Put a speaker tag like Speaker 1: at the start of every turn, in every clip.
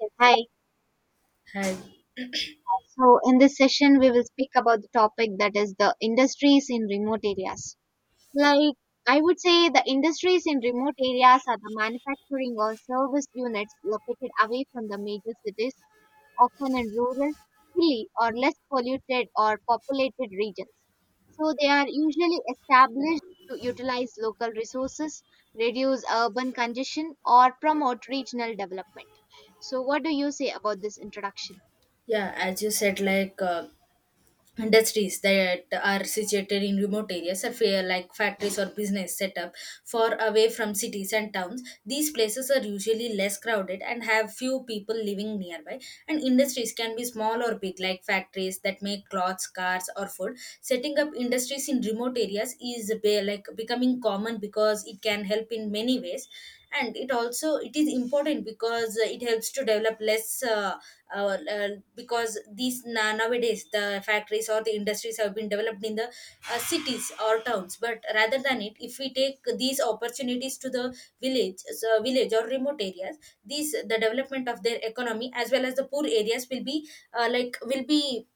Speaker 1: Yeah, hi.
Speaker 2: Hi.
Speaker 1: So in this session, we will speak about the topic that is the industries in remote areas. Like, I would say the industries in remote areas are the manufacturing or service units located away from the major cities, often in rural, hilly, or less polluted or populated regions. So they are usually established to utilize local resources, reduce urban congestion, or promote regional development. So what do you say about this introduction?
Speaker 2: Yeah, as you said, industries that are situated in remote areas, are fair, like factories or business setup far away from cities and towns. These places are usually less crowded and have few people living nearby. And industries can be small or big, like factories that make clothes, cars, or food. Setting up industries in remote areas is like becoming common because it can help in many ways, and it also it is important because it helps to develop less uh, uh, because nowadays the factories or the industries have been developed in the cities or towns, but rather than it, if we take these opportunities to the village, so village or remote areas, these the development of their economy as well as the poor areas will be like will be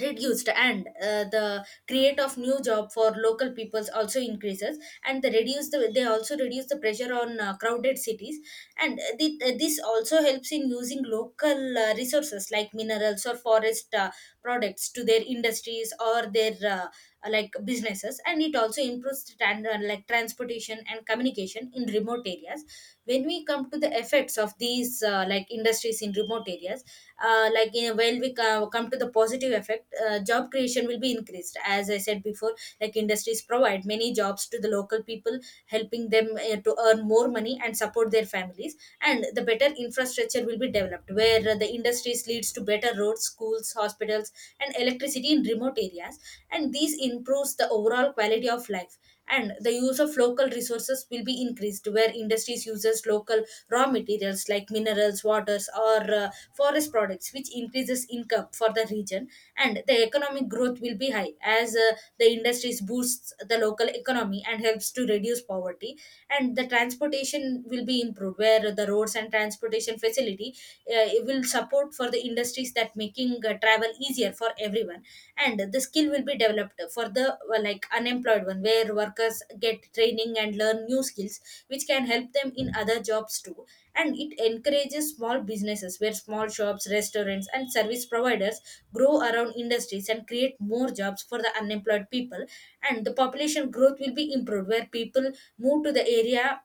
Speaker 2: reduced, and the create of new job for local peoples also increases, and the reduce the, they also reduce the pressure on crowded cities, and this also helps in using local resources like minerals or forest products to their industries or their like businesses, and it also improves like transportation and communication in remote areas. When we come to the effects of these like industries in remote areas, like in when we co- come to the positive effect, job creation will be increased as I said before, like industries provide many jobs to the local people, helping them to earn more money and support their families. And the better infrastructure will be developed where the industries leads to better roads, schools, hospitals, and electricity in remote areas. And this improves the overall quality of life. And the use of local resources will be increased, where industries uses local raw materials like minerals, waters, or forest products, which increases income for the region. And the economic growth will be high as the industries boosts the local economy and helps to reduce poverty, and the transportation will be improved where the roads and transportation facility, it will support for the industries, that making travel easier for everyone. And the skill will be developed for the like unemployed one, where workers get training and learn new skills which can help them in other jobs too. And it encourages small businesses, where small shops, restaurants and service providers grow around industries and create more jobs for the unemployed people. And the population growth will be improved where people move to the area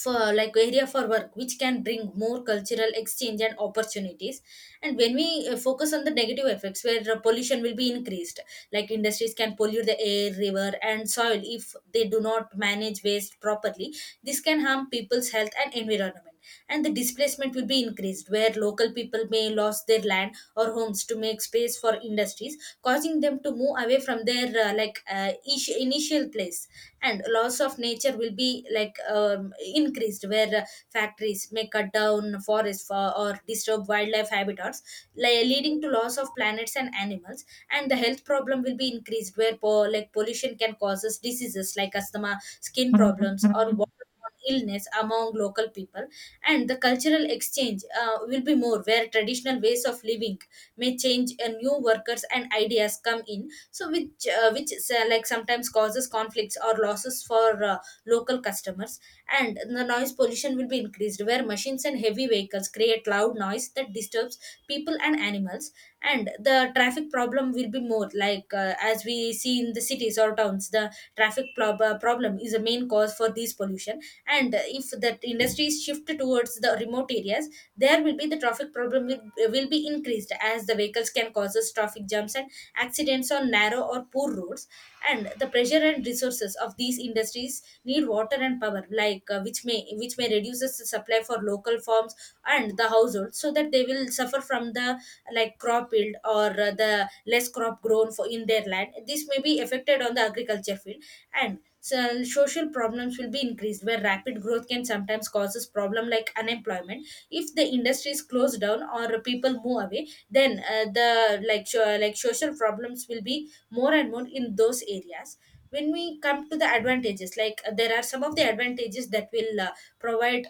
Speaker 2: for, like, area for work, which can bring more cultural exchange and opportunities. And when we focus on the negative effects, where pollution will be increased, like industries can pollute the air, river and soil if they do not manage waste properly. This can harm people's health and environment. And the displacement will be increased where local people may lose their land or homes to make space for industries, causing them to move away from their initial place. And loss of nature will be increased, where factories may cut down forests for, or disturb wildlife habitats, leading to loss of planets and animals. And the health problem will be increased, where like pollution can cause us diseases like asthma, skin problems or
Speaker 1: Yeah,
Speaker 2: waterborne illness among local people. And the cultural exchange will be more, where traditional ways of living may change and new workers and ideas come in, so which sometimes causes conflicts or losses for local customers. And the noise pollution will be increased, where machines and heavy vehicles create loud noise that disturbs people and animals. And the traffic problem will be more, like as we see in the cities or towns, the problem is a main cause for these pollution. And if that industries shift towards the remote areas, there will be the traffic problem will be increased, as the vehicles can cause us traffic jams and accidents on narrow or poor roads. And the pressure and resources of these industries need water and power, like which may reduce the supply for local farms and the households, so that they will suffer from the, like, crop yield, or the less crop grown for in their land, this may be affected on the agriculture field. And so social problems will be increased, where rapid growth can sometimes causes problem like unemployment. If the industry is closed down or people move away, then like social problems will be more and more in those areas. When we come to the advantages, like there are some of the advantages that will provide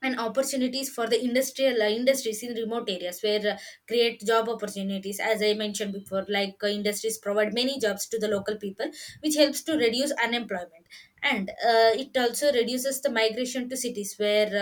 Speaker 2: and opportunities for the industrial industries in remote areas, where create job opportunities as I mentioned before, like industries provide many jobs to the local people, which helps to reduce unemployment. And it also reduces the migration to cities, where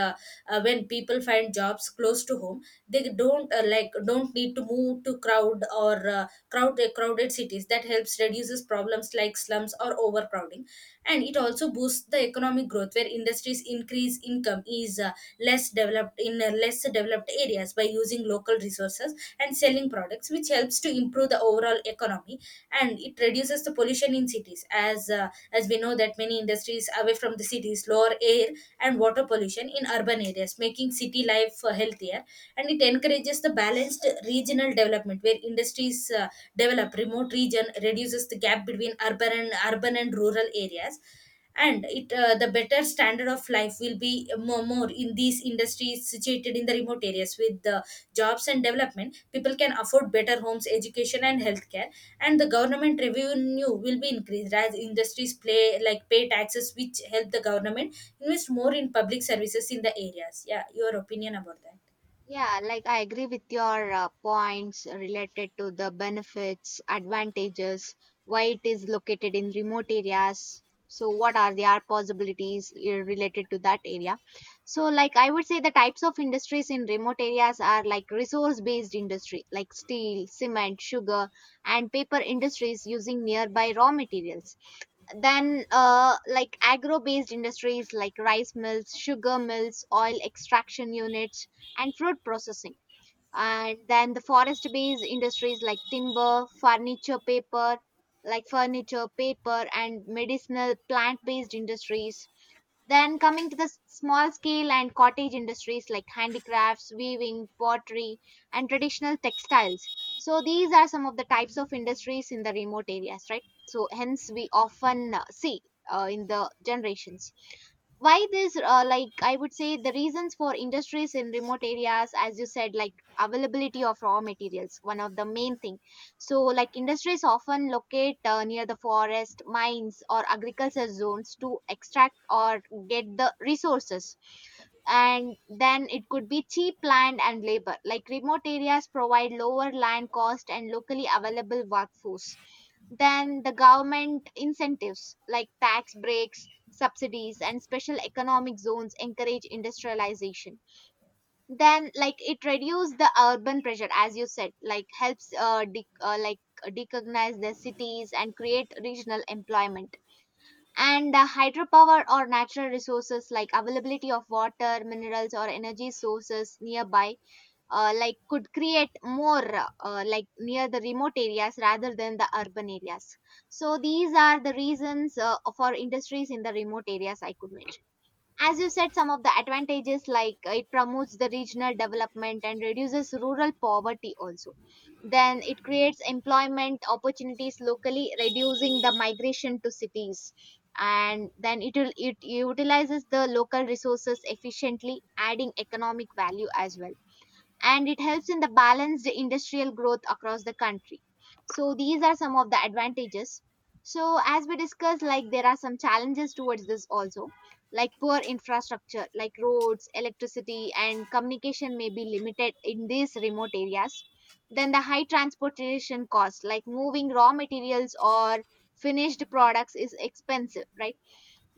Speaker 2: when people find jobs close to home, they don't like don't need to move to crowd or crowd crowded cities, that helps reduces problems like slums or overcrowding. And it also boosts the economic growth, where industries increase income is less developed areas by using local resources and selling products, which helps to improve the overall economy. And it reduces the pollution in cities, as we know that many industries away from the cities lower air and water pollution in urban areas, making city life healthier. And it encourages the balanced regional development, where industries develop remote region, reduces the gap between urban and rural areas. And it the better standard of life will be more in these industries situated in the remote areas. With the jobs and development, people can afford better homes, education and healthcare. And the government revenue will be increased as industries play like pay taxes, which help the government invest more in public services in the areas. Yeah, your opinion about that.
Speaker 1: like I agree with your points related to the benefits, advantages, why it is located in remote areas. So what are the possibilities related to that area? So, like I would say, the types of industries in remote areas are like resource-based industry, like steel, cement, sugar, and paper industries using nearby raw materials, then like agro based industries like rice mills, sugar mills, oil extraction units, and fruit processing, and then the forest based industries like timber, furniture, paper, and medicinal plant based industries, then coming to the small scale and cottage industries like handicrafts, weaving, pottery, and traditional textiles. So these are some of the types of industries in the remote areas, right? So hence we often see in the generations why this like I would say the reasons for industries in remote areas, as you said, like availability of raw materials, one of the main thing. So like industries often locate near the forest, mines, or agriculture zones to extract or get the resources. And then it could be cheap land and labor, like remote areas provide lower land cost and locally available workforce. Then the government incentives like tax breaks, subsidies, and special economic zones encourage industrialization. Then, like it reduces the urban pressure, as you said, like helps like recognize the cities and create regional employment. And hydropower or natural resources like availability of water, minerals, or energy sources nearby like could create more like near the remote areas rather than the urban areas. So these are the reasons for industries in the remote areas I could mention. As you said, some of the advantages, like it promotes the regional development and reduces rural poverty also. Then it creates employment opportunities locally, reducing the migration to cities, and then it utilizes the local resources efficiently, adding economic value as well, and it helps in the balanced industrial growth across the country. So these are some of the advantages. So as we discussed, like there are some challenges towards this also, like poor infrastructure, like roads, electricity, and communication may be limited in these remote areas. Then the high transportation cost, like moving raw materials or finished products, is expensive, right?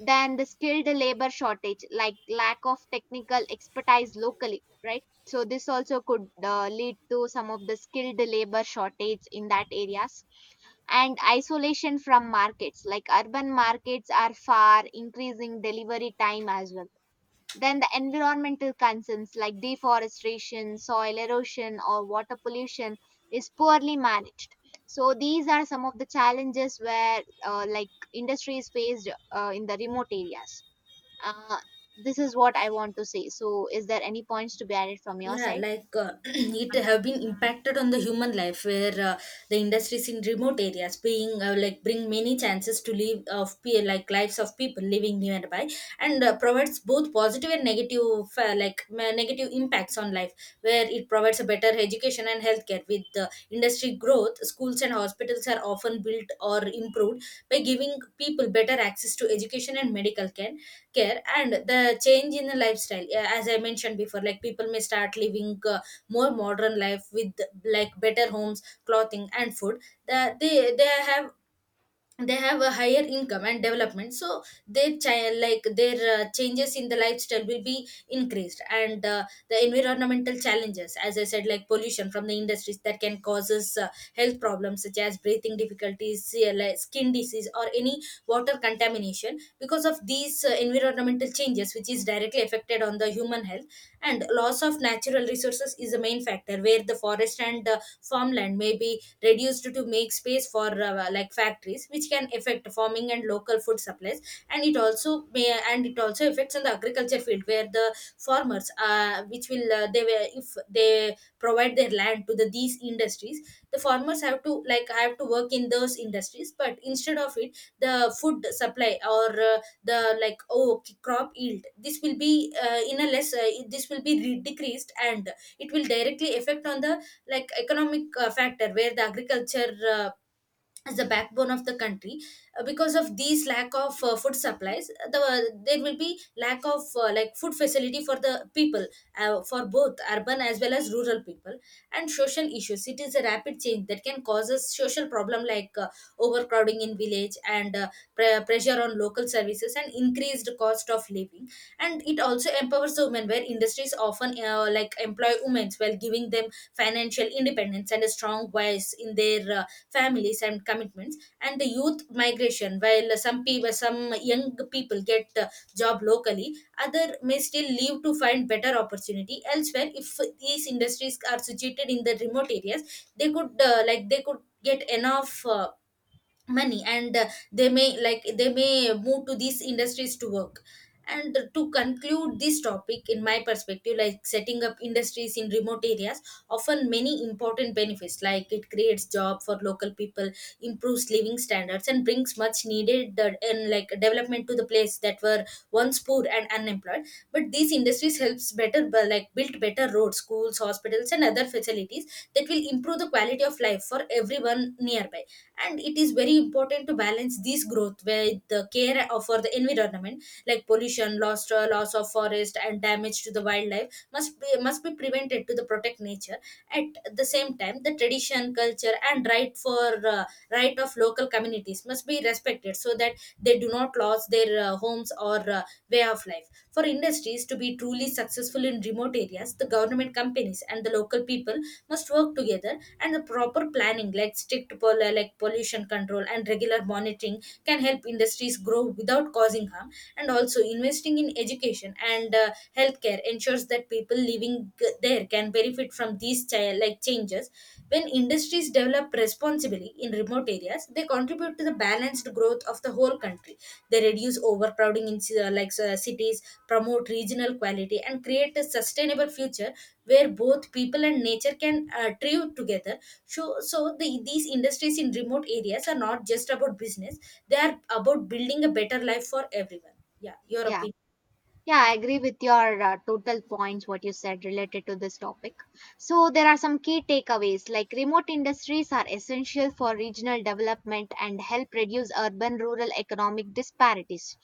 Speaker 1: Than the skilled labor shortage, like lack of technical expertise locally, right? So this also could lead to some of the skilled labor shortage in that areas, and isolation from markets, like urban markets are far, increasing delivery time as well. Then the environmental concerns like deforestation, soil erosion, or water pollution is poorly managed. So these are some of the challenges where like industries faced in the remote areas. uh, this is what I want to say. So, is there any points to be added from your
Speaker 2: Yeah,
Speaker 1: side?
Speaker 2: it have been impacted on the human life, where the industries in remote areas being like bring many chances to lives of people living nearby, and provides both positive and negative, negative impacts on life, where it provides a better education and healthcare. With the industry growth, schools and hospitals are often built or improved, by giving people better access to education and medical care. And the change in the lifestyle, yeah, as I mentioned before, like people may start living more modern life with, like, better homes, clothing and food. They have, they have a higher income and development, so their child, like their changes in the lifestyle will be increased. And the environmental challenges, as I said, like pollution from the industries that can causes health problems such as breathing difficulties, CLI, skin disease or any water contamination because of these environmental changes, which is directly affected on the human health. And loss of natural resources is the main factor, where the forest and farmland may be reduced to make space for like factories, which can affect farming and local food supplies. And it also affects on the agriculture field, where the farmers, which will they were if they provide their land to the these industries, the farmers have to work in those industries. But instead of it, the food supply, or the like oh crop yield, this will be in a less this will be decreased, and it will directly affect on the, like, economic factor, where the agriculture as the backbone of the country. Because of these lack of food supplies, there will be lack of food facility for the people, for both urban as well as rural people. And social issues, it is a rapid change that can cause a social problem like overcrowding in village, and pressure on local services and increased cost of living. And it also empowers the women, where industries often employ women, while giving them financial independence and a strong voice in their families and commitments. And the youth migration, while some young people get job locally, other may still leave to find better opportunity elsewhere. If these industries are situated in the remote areas, they could get enough money, and they may move to these industries to work. And to conclude this topic in my perspective, like setting up industries in remote areas often many important benefits, like it creates job for local people, improves living standards and brings much needed and like development to the place that were once poor and unemployed. But these industries helps better bu- like build better roads, schools, hospitals and other facilities that will improve the quality of life for everyone nearby. And it is very important to balance this growth with the care of for the environment, like pollution, loss of forest and damage to the wildlife must be prevented to the protect nature. At the same time, the tradition culture and right of local communities must be respected, so that they do not lose their homes or way of life. For industries to be truly successful in remote areas, the government, companies and the local people must work together. And the proper planning, like like pollution control and regular monitoring, can help industries grow without causing harm. And also investing in education and healthcare ensures that people living there can benefit from these changes. When industries develop responsibly in remote areas, they contribute to the balanced growth of the whole country. They reduce overcrowding in cities, promote regional quality, and create a sustainable future where both people and nature can thrive together. So, these industries in remote areas are not just about business; they are about building a better life for everyone. Yeah, your
Speaker 1: Yeah,
Speaker 2: opinion.
Speaker 1: yeah, I agree with your total points, what you said related to this topic. So there are some key takeaways, like remote industries are essential for regional development and help reduce urban rural economic disparities.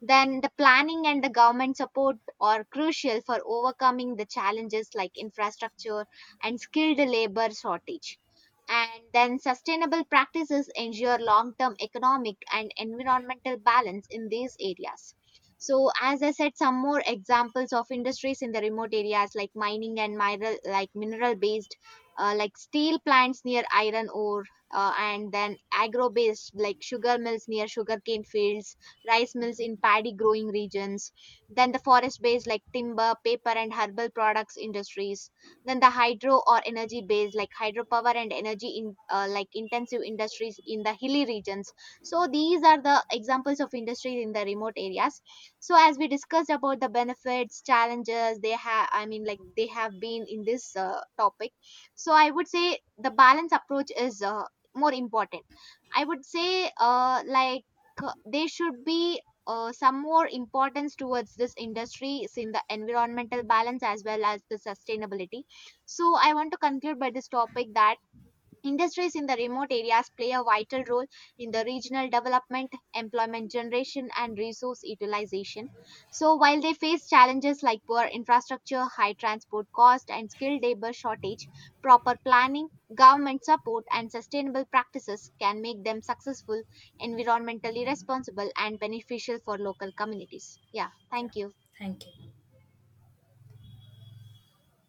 Speaker 1: Then the planning and the government support are crucial for overcoming the challenges like infrastructure and skilled labor shortage. And then sustainable practices ensure long term economic and environmental balance in these areas. So, as I said, some more examples of industries in the remote areas, like mining and mineral, like mineral based, like steel plants near iron ore, and then agro based, like sugar mills near sugarcane fields, rice mills in paddy growing regions, then the forest based like timber, paper, and herbal products industries, then the hydro or energy based like hydropower and energy in like intensive industries in the hilly regions. So these are the examples of industries in the remote areas. So as we discussed about the benefits, challenges they have, I mean like they have been in this topic. So I would say the balance approach is more important. I would say like there should be some more importance towards this industry in the environmental balance as well as the sustainability. So I want to conclude by this topic that industries in the remote areas play a vital role in the regional development, employment generation, and resource utilization. So while they face challenges like poor infrastructure, high transport cost, and skilled labor shortage, proper planning, government support, and sustainable practices can make them successful, environmentally responsible, and beneficial for local communities. Yeah,
Speaker 2: Yeah,
Speaker 1: thank you.
Speaker 2: thank you.